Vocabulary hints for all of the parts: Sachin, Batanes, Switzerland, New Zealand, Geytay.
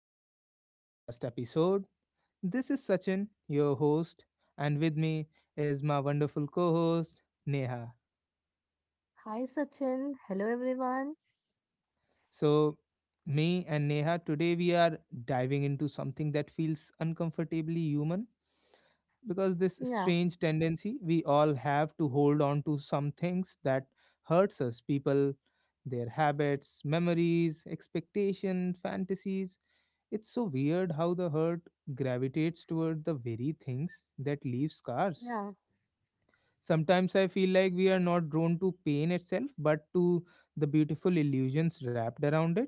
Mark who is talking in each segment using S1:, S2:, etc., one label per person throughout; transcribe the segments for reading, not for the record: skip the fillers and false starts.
S1: another podcast episode. This is Sachin, your host, and with me is my wonderful co host, Neha.
S2: Hi Sachin. Hello everyone.
S1: So, me and Neha, today we are diving into something that feels uncomfortably human because this
S2: Yeah,
S1: strange tendency we all have to hold on to some things that hurts us people, their habits, memories, expectation, fantasies. It's so weird how the hurt gravitates toward the very things that leave scars.
S2: yeah,
S1: Sometimes I feel like we are not drawn to pain itself, but to the beautiful illusions wrapped around it.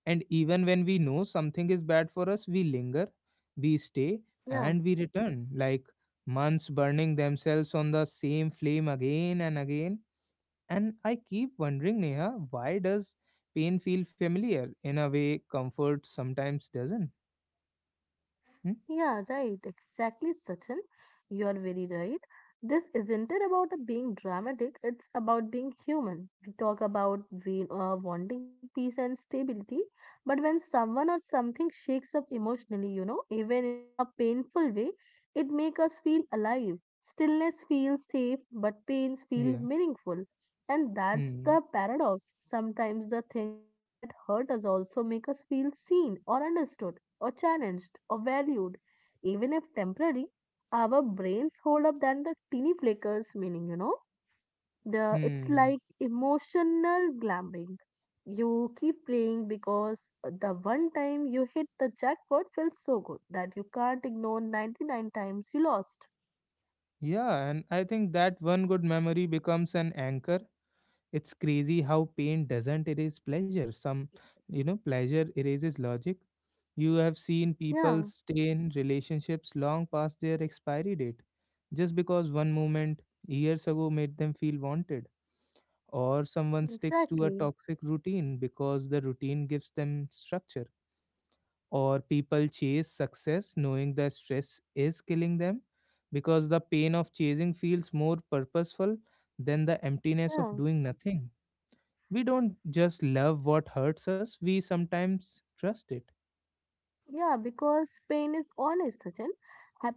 S1: And even when we know something is bad for us, we linger, we stay,
S2: yeah.
S1: and we return, like months burning themselves on the same flame again and again. And I keep wondering, Neha, why does pain feel familiar in a way, comfort sometimes doesn't? Hmm?
S2: Yeah, right. Exactly, Sachin. You are very right. This isn't it about being dramatic, it's about being human. We talk about wanting peace and stability, but when someone or something shakes up emotionally, even in a painful way, it makes us feel alive. Stillness feels safe, but pains feel
S1: Yeah.
S2: meaningful. And that's
S1: Hmm.
S2: the paradox. Sometimes the things that hurt us also make us feel seen or understood or challenged or valued even if temporary, our brains hold up than the teeny flickers meaning. The it's
S1: Hmm.
S2: like emotional glamping. You keep playing because the one time you hit the jackpot feels so good that you can't ignore 99 times you lost.
S1: Yeah, and I think that one good memory becomes an anchor. It's crazy how pain doesn't erase pleasure. Some, pleasure erases logic. You have seen
S2: Yeah,
S1: people stay in relationships long past their expiry date just because one moment years ago made them feel wanted. Or someone sticks to a
S2: exactly.
S1: toxic routine because the routine gives them structure. Or people chase success knowing the stress is killing them because the pain of chasing feels more purposeful than the emptiness of
S2: Yeah.
S1: doing nothing. We don't just love what hurts us, we sometimes trust it.
S2: Yeah, because pain is honest, Sachin.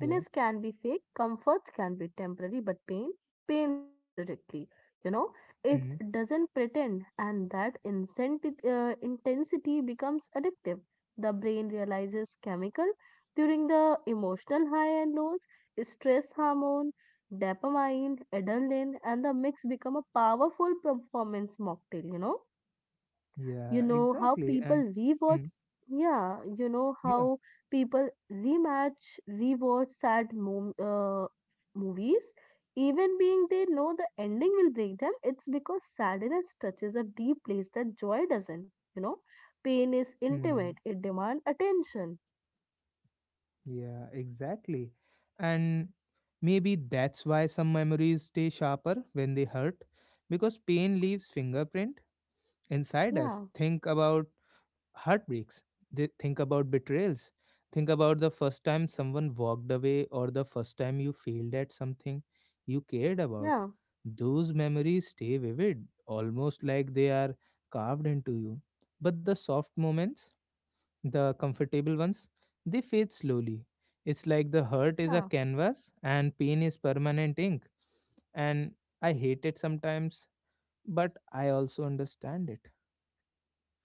S1: Yeah.
S2: can be fake, comforts can be temporary, but pain, pain hits directly. You know, it
S1: Mm.
S2: doesn't pretend, and that intensity becomes addictive. The brain realizes chemical during the emotional high and lows, stress hormone, dopamine, adrenaline, and the mix become a powerful performance mocktail.
S1: Yeah,
S2: You know how
S1: exactly. And
S2: people
S1: mm,
S2: rewatch, yeah, you know
S1: yeah.
S2: how people rewatch sad movies, even being they know the ending will break them. It's because sadness touches a deep place that joy doesn't. Pain is
S1: Mm,
S2: intimate; it demands attention.
S1: yeah, exactly. And maybe that's why some memories stay sharper when they hurt because pain leaves fingerprint inside us.
S2: Yeah,
S1: Think about heartbreaks. They think about betrayals. Think about the first time someone walked away or the first time you failed at something you cared about.
S2: yeah,
S1: Those memories stay vivid, almost like they are carved into you. But the soft moments, the comfortable ones, they fade slowly. It's like the hurt is a
S2: yeah.
S1: canvas and pain is permanent ink. And I hate it sometimes, but I also understand it.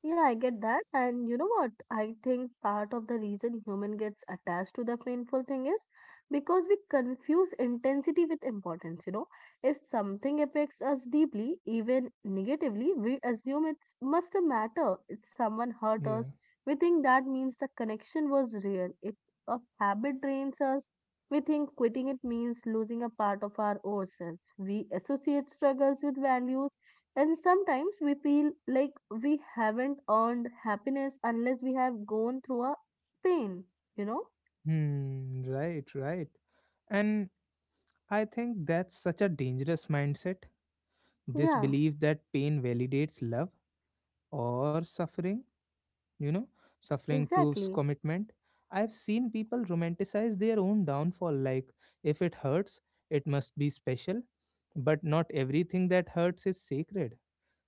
S2: Yeah, I get that. And you know what? I think part of the reason human gets attached to the painful thing is because we confuse intensity with importance. If something affects us deeply, even negatively, we assume it must matter. If someone hurt us,
S1: Yeah.
S2: we think that means the connection was real. If a habit drains us, we think quitting it means losing a part of ourselves. We associate struggles with values, and sometimes we feel like we haven't earned happiness unless we have gone through a pain, you know?
S1: Hmm. Right. Right. And I think that's such a dangerous mindset. This
S2: Yeah,
S1: belief that pain validates love or suffering, you know, suffering proves
S2: exactly.
S1: commitment. I've seen people romanticize their own downfall, like if it hurts, it must be special. But not everything that hurts is sacred.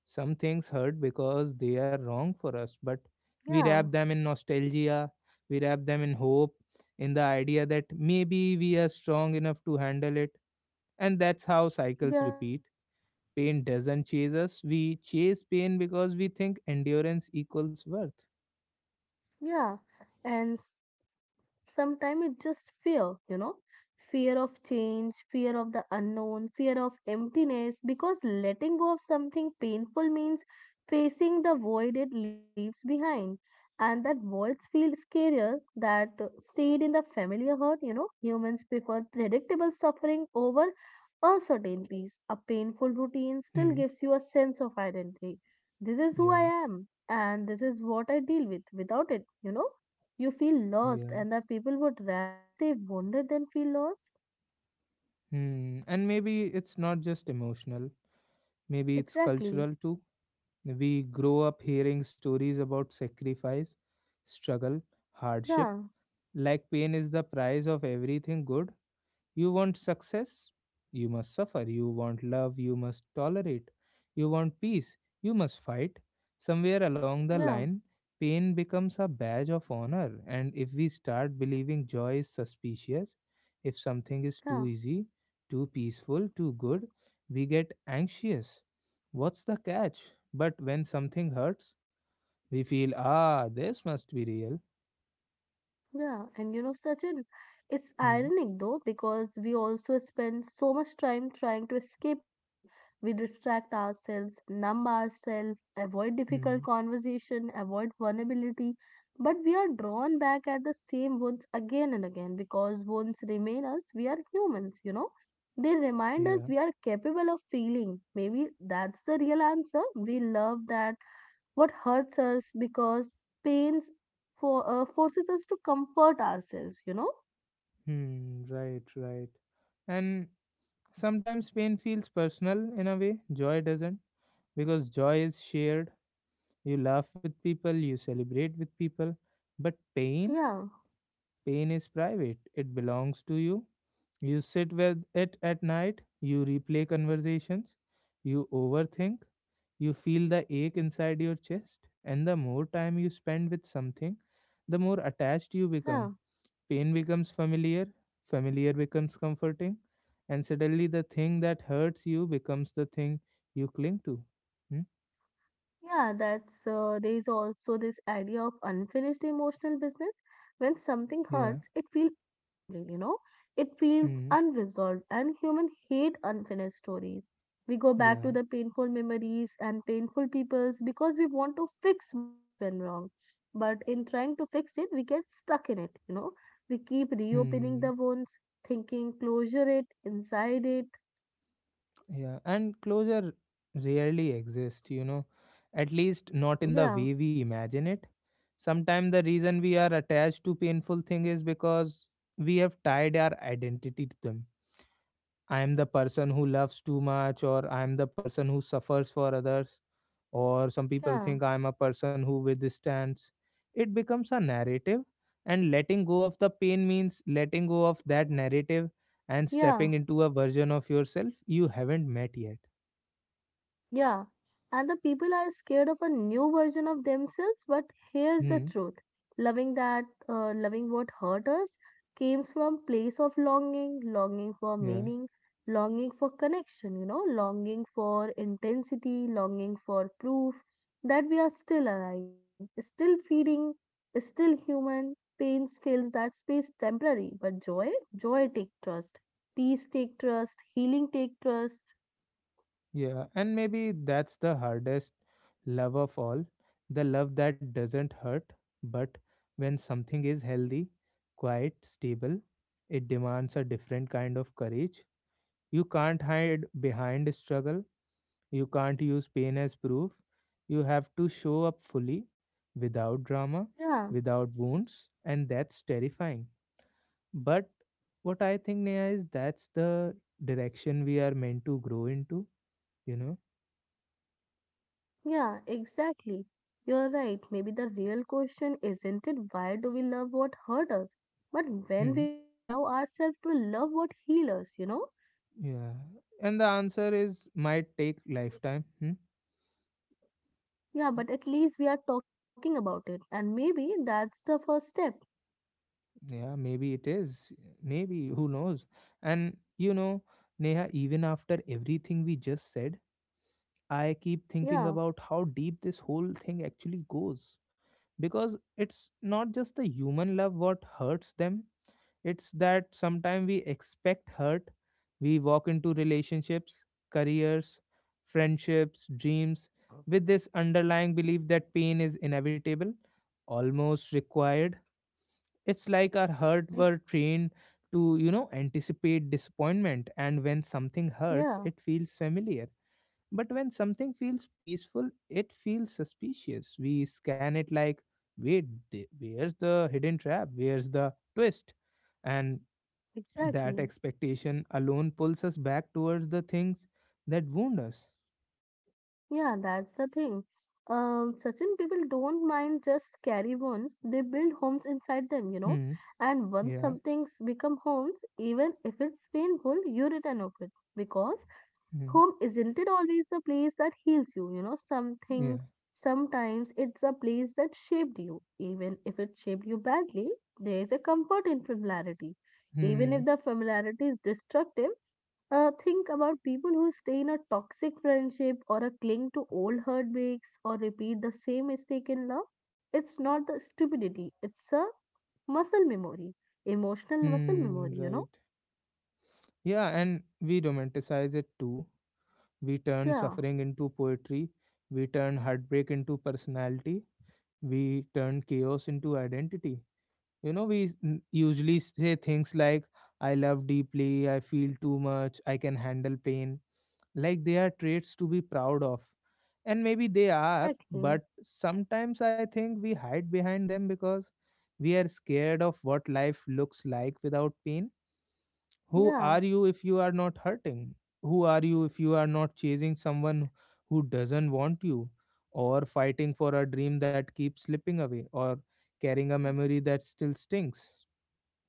S1: Some things hurt because they are wrong for us, but we
S2: Yeah,
S1: wrap them in nostalgia, we wrap them in hope, in the idea that maybe we are strong enough to handle it. And that's how cycles
S2: yeah,
S1: repeat. Pain doesn't chase us. We chase pain because we think endurance equals worth.
S2: yeah. And sometimes it's just fear, you know fear of change, fear of the unknown, fear of emptiness because letting go of something painful means facing the void it leaves behind, and that voids feel scarier that stayed in the familiar hurt. Humans prefer predictable suffering over uncertain peace. A painful routine still
S1: Hmm.
S2: gives you a sense of identity: this is who I
S1: Yeah.
S2: am, and this is what I deal with without it. You feel lost,
S1: Yeah.
S2: and the people would rather stay wounded than feel lost.
S1: Hmm. And maybe it's not just emotional. Maybe it's
S2: Exactly.
S1: cultural too. We grow up hearing stories about sacrifice, struggle, hardship,
S2: Yeah,
S1: like pain is the price of everything good. You want success? You must suffer. You want love? You must tolerate. You want peace? You must fight. Somewhere along the
S2: yeah,
S1: line, pain becomes a badge of honor. And if we start believing joy is suspicious, if something is
S2: yeah.
S1: too easy, too peaceful, too good, we get anxious. What's the catch? But when something hurts, we feel, ah, this must be real.
S2: Yeah, and you know, Sachin, it's
S1: Hmm,
S2: ironic though, because we also spend so much time trying to escape pain. We distract ourselves, numb ourselves, avoid difficult
S1: hmm,
S2: conversation, avoid vulnerability, but we are drawn back at the same wounds again and again because wounds remain us. We are humans. They remind us
S1: yeah,
S2: we are capable of feeling. Maybe that's the real answer. We love that what hurts us because pains forces us to comfort ourselves.
S1: hmm, right, right. And sometimes pain feels personal in a way, joy doesn't, because joy is shared. You laugh with people, you celebrate with people. But pain,
S2: Yeah,
S1: pain is private, it belongs to you. You sit with it at night, you replay conversations, you overthink, you feel the ache inside your chest, and the more time you spend with something, the more attached you
S2: yeah.
S1: become. Pain becomes familiar, familiar becomes comforting, and suddenly the thing that hurts you becomes the thing you cling to. Hmm?
S2: Yeah, that's there is also this idea of unfinished emotional business. When something
S1: Yeah.
S2: hurts, it feels incomplete, it feels
S1: Hmm.
S2: unresolved, and human hate unfinished stories. We go back to
S1: Yeah.
S2: the painful memories and painful peoples because we want to fix what's went wrong. But in trying to fix it, we get stuck in it. We keep reopening
S1: Hmm.
S2: the wounds, thinking closure it, inside it.
S1: Yeah. And closure rarely exists, you know, at least not in the
S2: Yeah,
S1: way we imagine it. Sometimes the reason we are attached to painful thing is because we have tied our identity to them. I am the person who loves too much, or I am the person who suffers for others, or some people
S2: yeah,
S1: think I am a person who withstands. It becomes a narrative, and letting go of the pain means letting go of that narrative and stepping
S2: yeah.
S1: into a version of yourself you haven't met yet.
S2: Yeah, and the people are scared of a new version of themselves, but here's the
S1: Hmm.
S2: truth. Loving loving what hurt us came from place of longing, longing for
S1: Yeah.
S2: meaning, longing for connection, longing for intensity, longing for proof that we are still alive, still feeding, still human. Pain fills that space temporary, but joy, joy take trust. Peace take trust, healing take trust, you know?
S1: Yeah. And maybe that's the hardest love of all, the love that doesn't hurt. But when something is healthy, quiet, stable, it demands a different kind of courage. You can't hide behind struggle. You can't use pain as proof. You have to show up fully, without drama,
S2: Yeah.
S1: without wounds, and that's terrifying. But what I think, Neha, is that's the direction we are meant to grow into, you know?
S2: Yeah, exactly. You're right. Maybe the real question isn't it why do we love what hurt us, but when
S1: Hmm.
S2: we will allow ourselves to love what heals us?
S1: Yeah. And the answer is might take lifetime. Hmm?
S2: Yeah, but at least we are talking about it, and maybe that's the first step.
S1: Yeah, maybe it is. Maybe, who knows? And you know, Neha, even after everything we just said, I keep thinking
S2: Yeah,
S1: about how deep this whole thing actually goes. Because it's not just the human love what hurts them, it's that sometimes we expect hurt. We walk into relationships, careers, friendships, dreams with this underlying belief that pain is inevitable, almost required. It's like our heart were
S2: ex-
S1: trained to, you know, anticipate disappointment, and when something hurts
S2: yeah,
S1: it feels familiar, but when something feels peaceful, it feels suspicious. We scan it like, wait, where's the hidden trap? Where's the twist? And that
S2: exactly.
S1: expectation alone pulls us back towards the things that wound us.
S2: Yeah, that's the thing. Certain people don't mind just carry wounds; they build homes inside them.
S1: Hmm.
S2: And once
S1: Yeah.
S2: some things become homes, even if it's painful, you return of it because
S1: Hmm.
S2: home isn't it always the place that heals you,
S1: Yeah.
S2: something sometimes it's a place that shaped you. Even if it shaped you badly, there is a comfort in familiarity. Even
S1: Hmm.
S2: if the familiarity is destructive, think about people who stay in a toxic friendship or a cling to old heartbreaks or repeat the same mistake in love. It's not the stupidity, it's a muscle memory, emotional muscle
S1: Hmm.
S2: memory.
S1: Right. Yeah. And we romanticize it too. We turn
S2: Yeah,
S1: suffering into poetry. We turn heartbreak into personality. We turn chaos into identity. You know, we usually say things like, I love deeply, I feel too much, I can handle pain. Like they are traits to be proud of. And maybe they are,
S2: exactly.
S1: but sometimes I think we hide behind them because we are scared of what life looks like without pain. Who
S2: Yeah.
S1: are you if you are not hurting? Who are you if you are not chasing someone who doesn't want you? Or fighting for a dream that keeps slipping away? Or carrying a memory that still stings?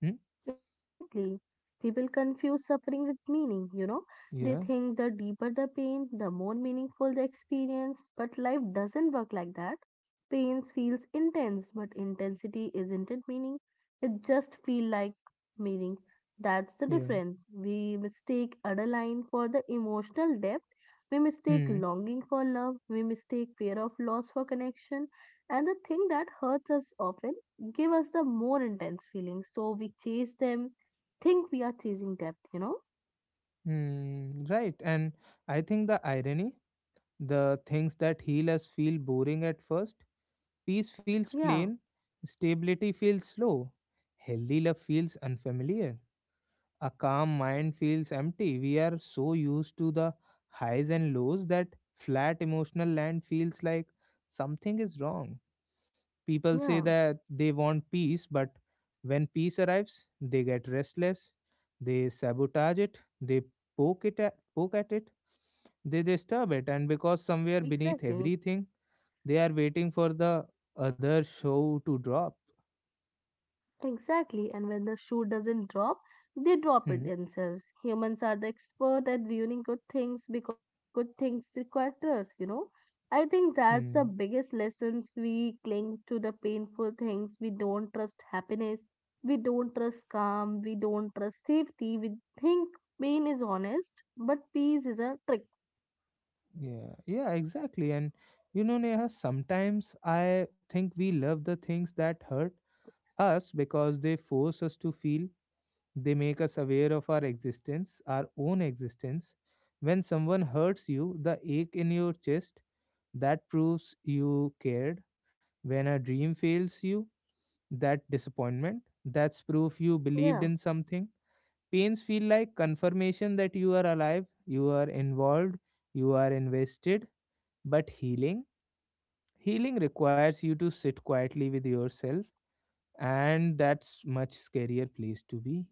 S1: Hmm?
S2: Exactly. People confuse suffering with meaning. They
S1: Yeah,
S2: think the deeper the pain, the more meaningful the experience, but life doesn't work like that. Pain feels intense, but intensity isn't it meaning. It just feel like meaning. That's the
S1: yeah.
S2: difference. We mistake adrenaline for the emotional depth. We mistake
S1: Hmm.
S2: longing for love. We mistake fear of loss for connection. And the thing that hurts us often give us the more intense feelings. So we chase them, think we are chasing depth.
S1: Hmm. Right. And I think the irony, the things that heal us feel boring at first. Peace feels
S2: Yeah,
S1: plain, stability feels slow, healthy love feels unfamiliar, a calm mind feels empty. We are so used to the highs and lows that flat emotional land feels like something is wrong. People say
S2: yeah,
S1: that they want peace, but when peace arrives, they get restless, they sabotage it, they poke it at, poke at it, they disturb it, and because somewhere beneath
S2: exactly,
S1: everything, they are waiting for the other show to drop.
S2: exactly. And when the shoe doesn't drop, they drop it
S1: Hmm.
S2: themselves. Humans are the expert at viewing good things because the good things require trust. I think that's the
S1: Hmm.
S2: biggest lessons we cling to the painful things. We don't trust happiness. We don't trust calm. We don't trust safety. We think pain is honest, but peace is a trick.
S1: Yeah, yeah, exactly. And you know, Neha, sometimes I think we love the things that hurt us because they force us to feel. They make us aware of our existence, our own existence. When someone hurts you, the ache in your chest, that proves you cared. When a dream fails you, that disappointment, that's proof you believed
S2: Yeah.
S1: in something. Pains feel like confirmation that you are alive, you are involved, you are invested. But healing, healing requires you to sit quietly with yourself, and that's much scarier place to be.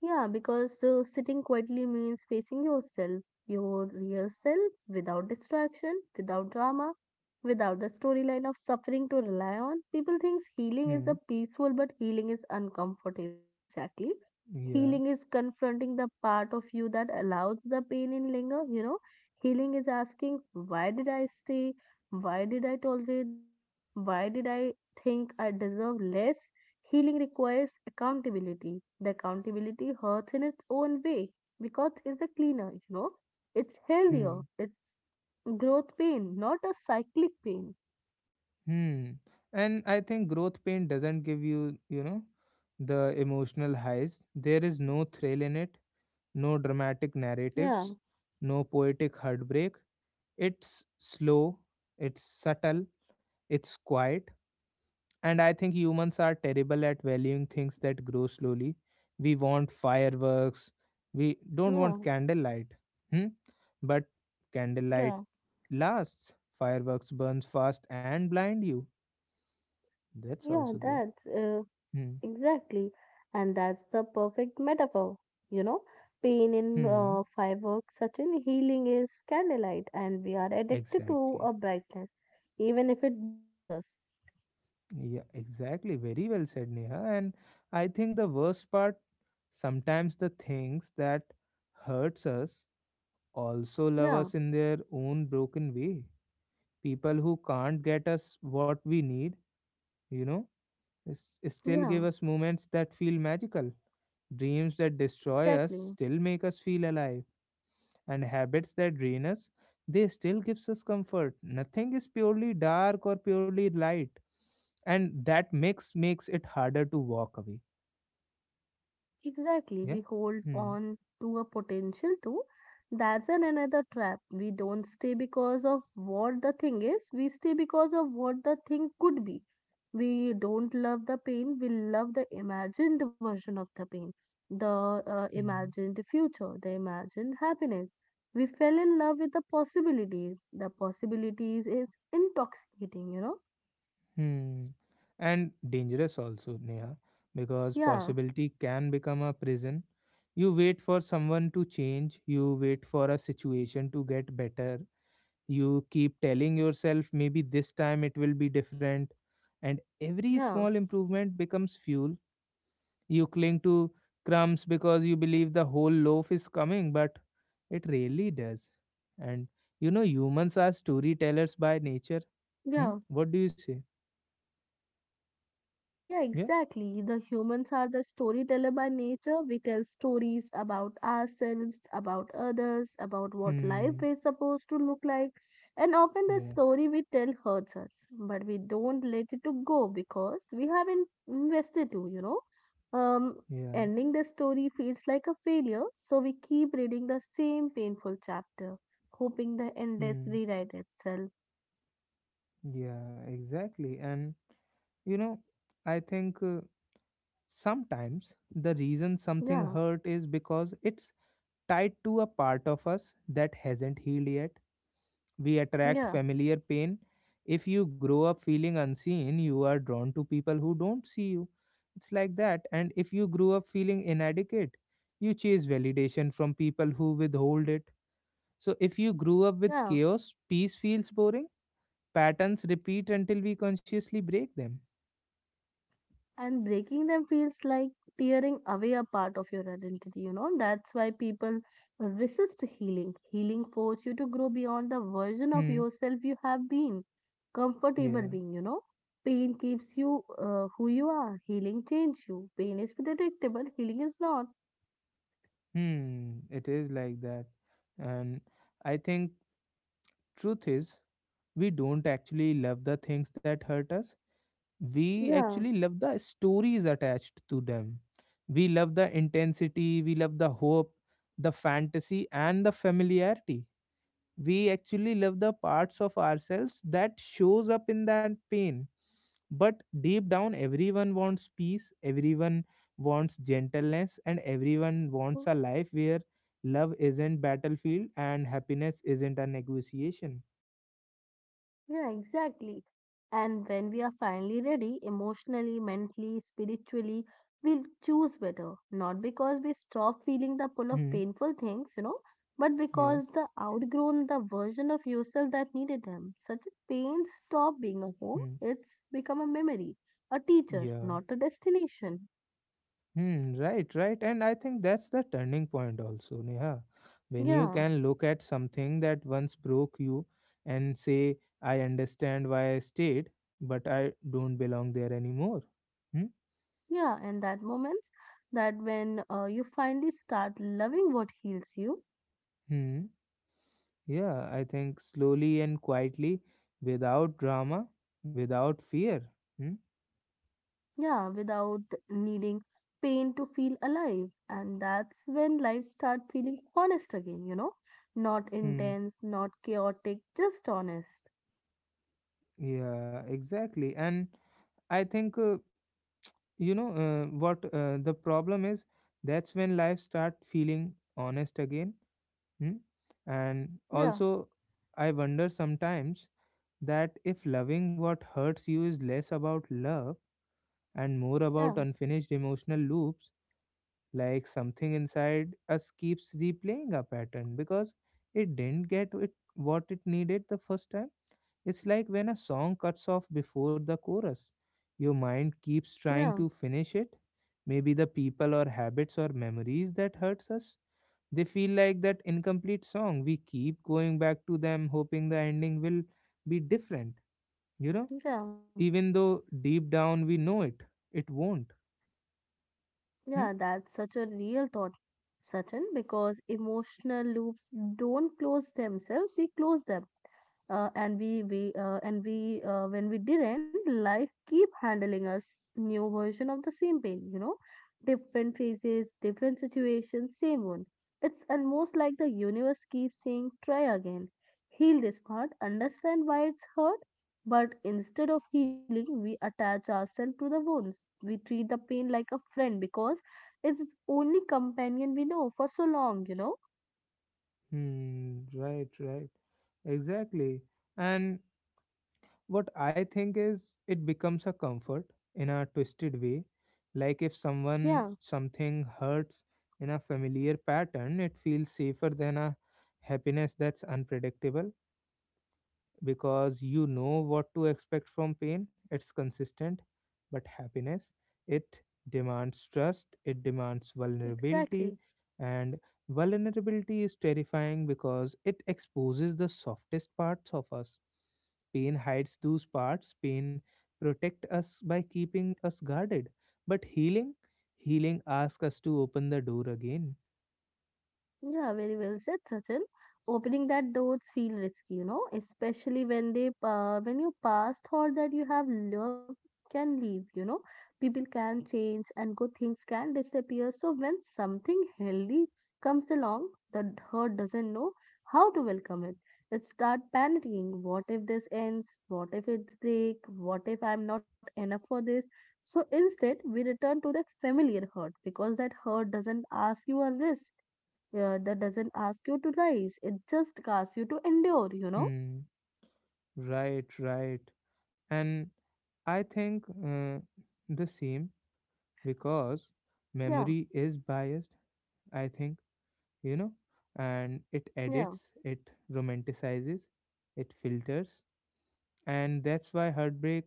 S2: Yeah, because sitting quietly means facing yourself, your real self, without distraction, without drama, without the storyline of suffering to rely on. People think healing is a
S1: Hmm.
S2: peaceful, but healing is uncomfortable. Exactly.
S1: Yeah.
S2: Healing is confronting the part of you that allows the pain in linger. Healing is asking, why did I stay? Why did I tolerate that? Why did I think I deserve less? Healing requires accountability. The accountability hurts in its own way because it's a cleaner. It's healthier.
S1: Hmm.
S2: It's growth pain, not a cyclic pain.
S1: Hmm. And I think growth pain doesn't give you, you know, the emotional highs. There is no thrill in it, no dramatic
S2: Yeah,
S1: narratives, no poetic heartbreak. It's slow, it's subtle, it's quiet. And I think humans are terrible at valuing things that grow slowly. We want fireworks, we don't
S2: yeah,
S1: want candlelight. Hmm? But candlelight
S2: yeah,
S1: lasts, fireworks burns fast and blind you. That's
S2: yeah,
S1: also there.
S2: that's
S1: Hmm.
S2: exactly. And that's the perfect metaphor, you know. Pain in
S1: Hmm.
S2: fireworks, such in healing is candlelight, and we are addicted to a
S1: Exactly.
S2: brightness, even if it burns us.
S1: Yeah, exactly. Very well said, Neha. And I think the worst part, sometimes the things that hurts us also love
S2: Yeah,
S1: us in their own broken way. People who can't get us what we need, you know, is, still give
S2: yeah,
S1: us moments that feel magical. Dreams that destroy us
S2: exactly.
S1: still make us feel alive, and habits that drain us, they still gives us comfort. Nothing is purely dark or purely light, and that mix makes it harder to walk away.
S2: Exactly,
S1: Yeah.
S2: we hold
S1: Hmm.
S2: on to a potential too. That's an another trap. We don't stay because of what the thing is, we stay because of what the thing could be. We don't love the pain, we love the imagined version of the pain, the
S1: Hmm.
S2: imagined future, the imagined happiness. We fell in love with the possibilities. The possibilities is intoxicating,
S1: Hmm. And dangerous also, Neha, because
S2: Yeah,
S1: possibility can become a prison. You wait for someone to change. You wait for a situation to get better. You keep telling yourself maybe this time it will be different, and every
S2: yeah,
S1: small improvement becomes fuel. You cling to crumbs because you believe the whole loaf is coming, but it really does. And you know, humans are storytellers by nature. Hmm?
S2: yeah.
S1: What do you say?
S2: Yeah,
S1: Yeah.
S2: exactly. The humans are the storyteller by nature. We tell stories about ourselves, about others, about what life
S1: Hmm.
S2: is supposed to look like. And often the
S1: Yeah.
S2: story we tell hurts us, but we don't let it to go because we have invested to, Um,
S1: Yeah.
S2: Ending the story feels like a failure, so we keep reading the same painful chapter, hoping the endless
S1: Hmm.
S2: rewrite itself.
S1: Yeah. Exactly. And you know, I think sometimes the reason something
S2: Yeah,
S1: hurt is because it's tied to a part of us that hasn't healed yet. We attract
S2: yeah,
S1: familiar pain. If you grow up feeling unseen, you are drawn to people who don't see you. It's like that. And if you grew up feeling inadequate, you chase validation from people who withhold it. So if you grew up with
S2: yeah.
S1: chaos, peace feels boring. Patterns repeat until we consciously break them.
S2: And breaking them feels like tearing away a part of your identity, that's why people resist healing. Healing forces you to grow beyond the version of
S1: Hmm.
S2: yourself you have been comfortable
S1: Yeah.
S2: being, pain keeps you who you are. Healing changes you. Pain is predictable, healing is not.
S1: Hmm. It is like that. And I think truth is we don't actually love the things that hurt us, we actually
S2: Yeah.
S1: love the stories attached to them. We love the intensity, we love the hope, the fantasy, and the familiarity. We actually love the parts of ourselves that shows up in that pain. But deep down, everyone wants peace, everyone wants gentleness, and everyone wants a life where love isn't battlefield and happiness isn't a negotiation.
S2: Yeah, exactly. And when we are finally ready, emotionally, mentally, spiritually, we'll choose better. Not because we stop feeling the pull of
S1: Hmm.
S2: painful things, but
S1: Yeah.
S2: because the outgrown the version of yourself that needed them. Such a pain stop being a home.
S1: Hmm.
S2: It's become a memory, a teacher,
S1: Yeah.
S2: not a destination.
S1: Hmm, right, right. And I think that's the turning point also, Neha. When you
S2: Yeah,
S1: can look at something that once broke you and say, I understand why I stayed, but I don't belong there anymore. Hmm?
S2: yeah. And that moments that when you finally start loving what heals you.
S1: Hmm. Yeah, I think slowly and quietly, without drama, without fear. Hmm?
S2: Yeah, without needing pain to feel alive. And that's when life start feeling honest again, Not
S1: Hmm.
S2: intense, not chaotic, just honest.
S1: Yeah, exactly. And I think, what the problem is, that's when life start feeling honest again. Hmm? And
S2: Yeah,
S1: also, I wonder sometimes that if loving what hurts you is less about love and more
S2: yeah,
S1: about unfinished emotional loops, like something inside us keeps replaying a pattern because it didn't get it what it needed the first time. It's like when a song cuts off before the chorus. Your mind keeps
S2: yeah,
S1: trying to finish it. Maybe the people or habits or memories that hurts us, they feel like that incomplete song. We keep going back to them, hoping the ending will be different, you know,
S2: yeah,
S1: even though deep down we know it, it won't.
S2: yeah,
S1: Hmm?
S2: that's such a real thought, Sachin, because emotional loops don't close themselves, we close them. And we and we When we didn't, life keep handling us new version of the same pain, different phases, different situations, same wound. It's almost like the universe keeps saying try again, heal this part, understand why it's hurt. But instead of healing we attach ourselves to the wounds, we treat the pain like a friend because it's its only companion we know for so long,
S1: Hmm, right, right. Exactly. And what I think is it becomes a comfort in a twisted way. Like if
S2: yeah,
S1: someone, something hurts in a familiar pattern, it feels safer than a happiness that's unpredictable. Because you know what to expect from pain. It's consistent, but happiness, it demands trust, it demands
S2: exactly.
S1: vulnerability, and vulnerability is terrifying because it exposes the softest parts of us. Pain hides those parts, pain protect us by keeping us guarded. But healing, healing asks us to open the door again.
S2: Yeah, very well said, Sachin. Opening that doors feel risky, especially when they when you pass thought that you have loved can leave. People can change and good things can disappear. So when something healthy comes along, the hurt doesn't know how to welcome it. It start panicking. What if this ends? What if it's break? What if I'm not enough for this? So instead, we return to that familiar hurt because that hurt doesn't ask you a risk, yeah, that doesn't ask you to rise. It just asks you to endure, you know?
S1: Hmm. Right, right. And I think the same because
S2: Yeah,
S1: memory is biased, I think, you know, and it
S2: yeah,
S1: edits, it romanticizes, it filters. And that's why heartbreak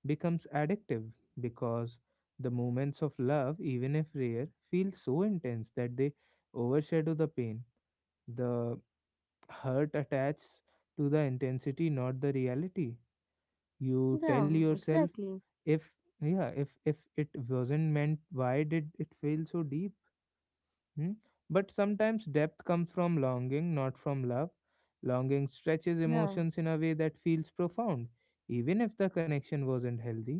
S1: becomes addictive because the moments of love, even if rare, feel so intense that they overshadow the pain. The hurt attaches to the intensity, not the reality. You tell
S2: yeah,
S1: yourself,
S2: exactly.
S1: if, yeah, if it wasn't meant, why did it feel so deep? Hmm? But sometimes depth comes from longing, not from love. Longing stretches
S2: Yeah.
S1: emotions in a way that feels profound, even if the connection wasn't healthy.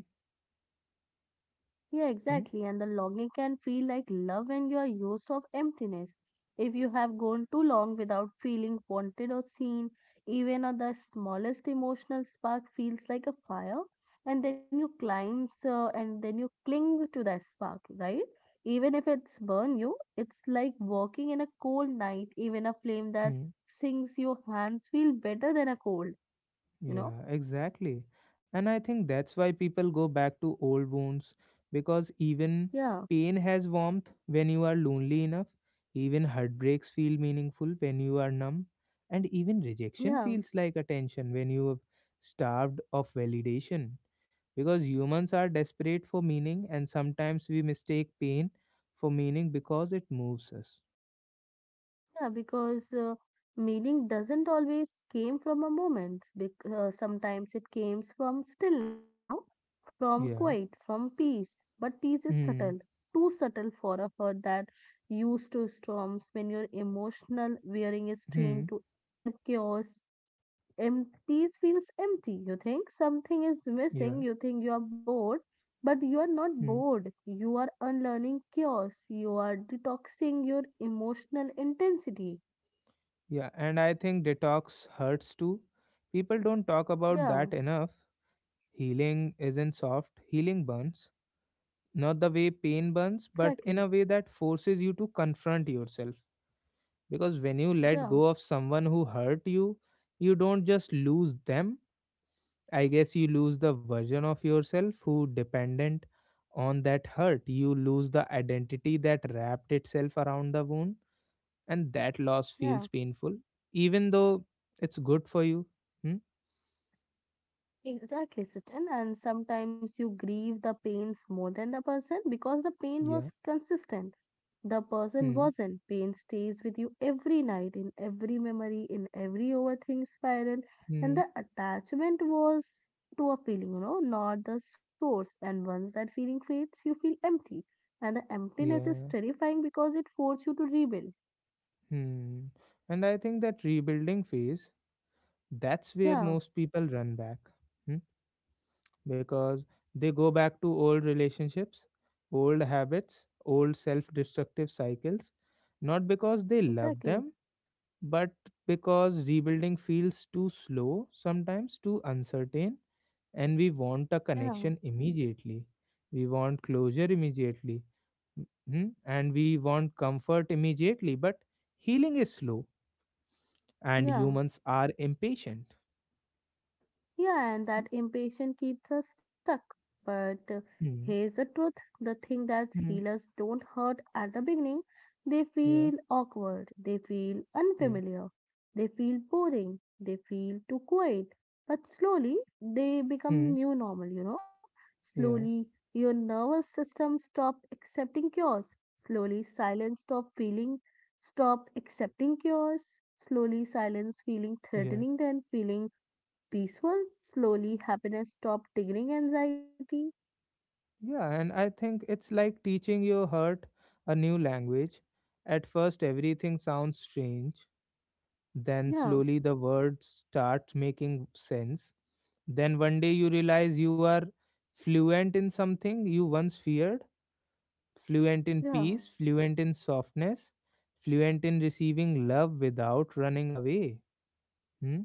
S2: Yeah,
S1: Hmm?
S2: exactly. And the longing can feel like love when you are used of emptiness. If you have gone too long without feeling wanted or seen, even on the smallest emotional spark feels like a fire, and then you climb, so and then you cling to that spark, right? Even if it's burn you, it's like walking in a cold night. Even a flame that
S1: Hmm?
S2: sinks your hands feel better than a cold. You know?
S1: Yeah, exactly. And I think that's why people go back to old wounds, because even
S2: Yeah,
S1: pain has warmth when you are lonely enough, even heartbreaks feel meaningful when you are numb, and even rejection
S2: yeah.
S1: feels like attention when you have starved of validation. Because humans are desperate for meaning, and sometimes we mistake pain for meaning because it moves us.
S2: Yeah, because meaning doesn't always came from a moment. Because sometimes it came from stillness, you know, from
S1: Yeah.
S2: quiet, from peace. But peace is
S1: Hmm.
S2: subtle, too subtle for a heart that used to storms. When your emotional wearing is
S1: Hmm.
S2: trained to accept chaos, peace feels empty. You think something is
S1: Yeah.
S2: missing. You think you are bored, but you are not
S1: Hmm.
S2: bored. You are unlearning chaos. You are detoxing your emotional intensity.
S1: Yeah, and I think detox hurts too. People don't talk about
S2: Yeah,
S1: that enough. Healing isn't soft, healing burns. Not the way pain burns, but
S2: exactly.
S1: in a way that forces you to confront yourself. Because when you let
S2: Yeah,
S1: go of someone who hurt you, you don't just lose them. I guess you lose the version of yourself who dependent on that hurt. You lose the identity that wrapped itself around the wound, and that loss feels
S2: yeah,
S1: painful even though it's good for you. Hmm?
S2: exactly, Sachin. And sometimes you grieve the pains more than the person because the pain
S1: Yeah.
S2: was consistent. The person
S1: Hmm.
S2: wasn't. Pain stays with you every night, in every memory, in every overthink spiral. And
S1: Hmm.
S2: the attachment was to a feeling, you know, not the source. And once that feeling fades, you feel empty. And the emptiness is
S1: Yeah.
S2: terrifying because it forces you to rebuild.
S1: Hmm. And I think that rebuilding phase, that's where
S2: Yeah,
S1: most people run back. Hmm? Because they go back to old relationships, old habits, old self-destructive cycles, not because they love
S2: exactly.
S1: them, but because rebuilding feels too slow, sometimes too uncertain, and we want a
S2: Yeah,
S1: connection immediately. We want closure immediately. Mhm. And we want comfort immediately. But healing is slow and
S2: yeah.
S1: humans are impatient.
S2: Yeah, and that impatience keeps us stuck. But here's
S1: Mhm.
S2: the truth, the thing that
S1: Mhm.
S2: healers don't hurt at the beginning, they
S1: Yeah.
S2: feel awkward, they feel
S1: Yeah.
S2: unfamiliar, they feel boring, they feel too quiet. But slowly, they become
S1: Mhm.
S2: new normal, you know. Slowly,
S1: Yeah.
S2: your nervous system stop accepting cures. Slowly, silence stop feeling, stop accepting cures. Slowly, silence feeling
S1: Yeah.
S2: threatening, then feeling peaceful, slowly happiness stopped triggering anxiety.
S1: Yeah. And I think it's like teaching your heart a new language. At first, everything sounds strange. Then,
S2: Yeah,
S1: slowly, the words start making sense. Then one day you realize you are fluent in something you once feared, fluent in
S2: yeah,
S1: peace, fluent in softness, fluent in receiving love without running away. Hmm?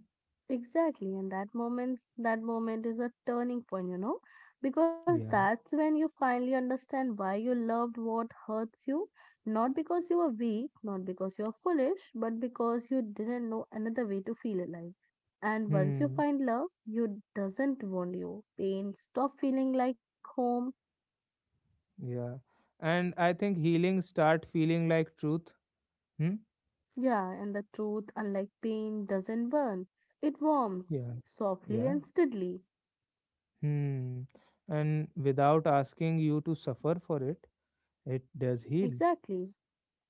S2: exactly. And that moment is a turning point, you know, because
S1: Yeah.
S2: that's when you finally understand why you loved what hurts you. Not because you were weak, not because you are foolish, but because you didn't know another way to feel alive. And once you
S1: Hmm.
S2: find love, you doesn't want you. Pain stop feeling like home.
S1: Yeah. And I think healing start feeling like truth. Hmm?
S2: Yeah, and the truth, unlike pain, doesn't burn. It warms
S1: Yeah.
S2: softly
S1: Yeah.
S2: and steadily.
S1: Hmm. And without asking you to suffer for it, it does heal.
S2: Exactly.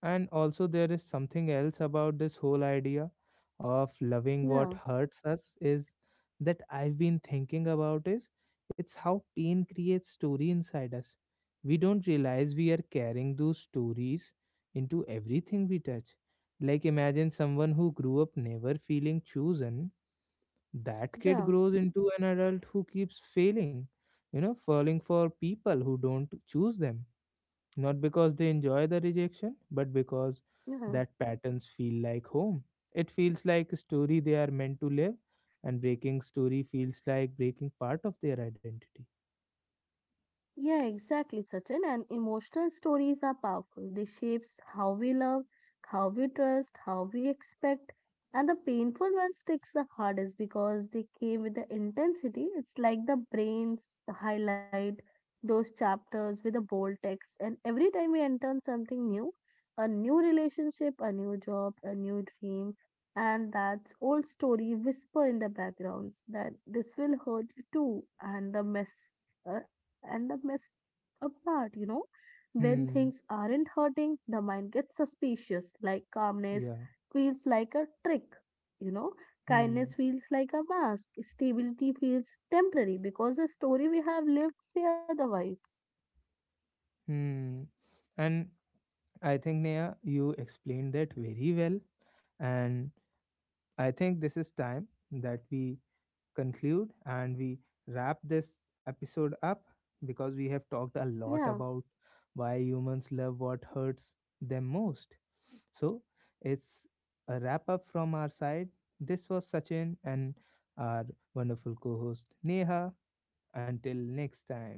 S1: And also, there is something else about this whole idea of loving what
S2: Yeah,
S1: hurts us is that I've been thinking about, is it's how pain creates story inside us. We don't realize we are carrying those stories into everything we touch. Like imagine someone who grew up never feeling chosen. That kid
S2: yeah,
S1: grows into an adult who keeps failing, you know, falling for people who don't choose them, not because they enjoy the rejection, but because
S2: yeah.
S1: that patterns feel like home. It feels like a story they are meant to live, and breaking story feels like breaking part of their identity.
S2: Yeah, exactly, Sachin. And emotional stories are powerful. They shapes how we love, how we trust, how we expect. And the painful one sticks the hardest because they came with the intensity. It's like the brains highlight those chapters with a bold text. And every time we enter something new, a new relationship, a new job, a new dream, and that old story whisper in the backgrounds that this will hurt you too. And the messed up part, you know. When things
S1: Hmm.
S2: aren't hurting, the mind gets suspicious, like calmness
S1: Yeah.
S2: feels like a trick, you know. Kindness
S1: Hmm.
S2: feels like a mask. Stability feels temporary because the story we have lived say otherwise.
S1: Hmm. And I think, Neha, you explained that very well. And I think this is time that we conclude and we wrap this episode up, because we have talked a
S2: Yeah.
S1: lot about why humans love what hurts them most. So it's a wrap up from our side. This was Sachin and our wonderful co host Neha. Until next time.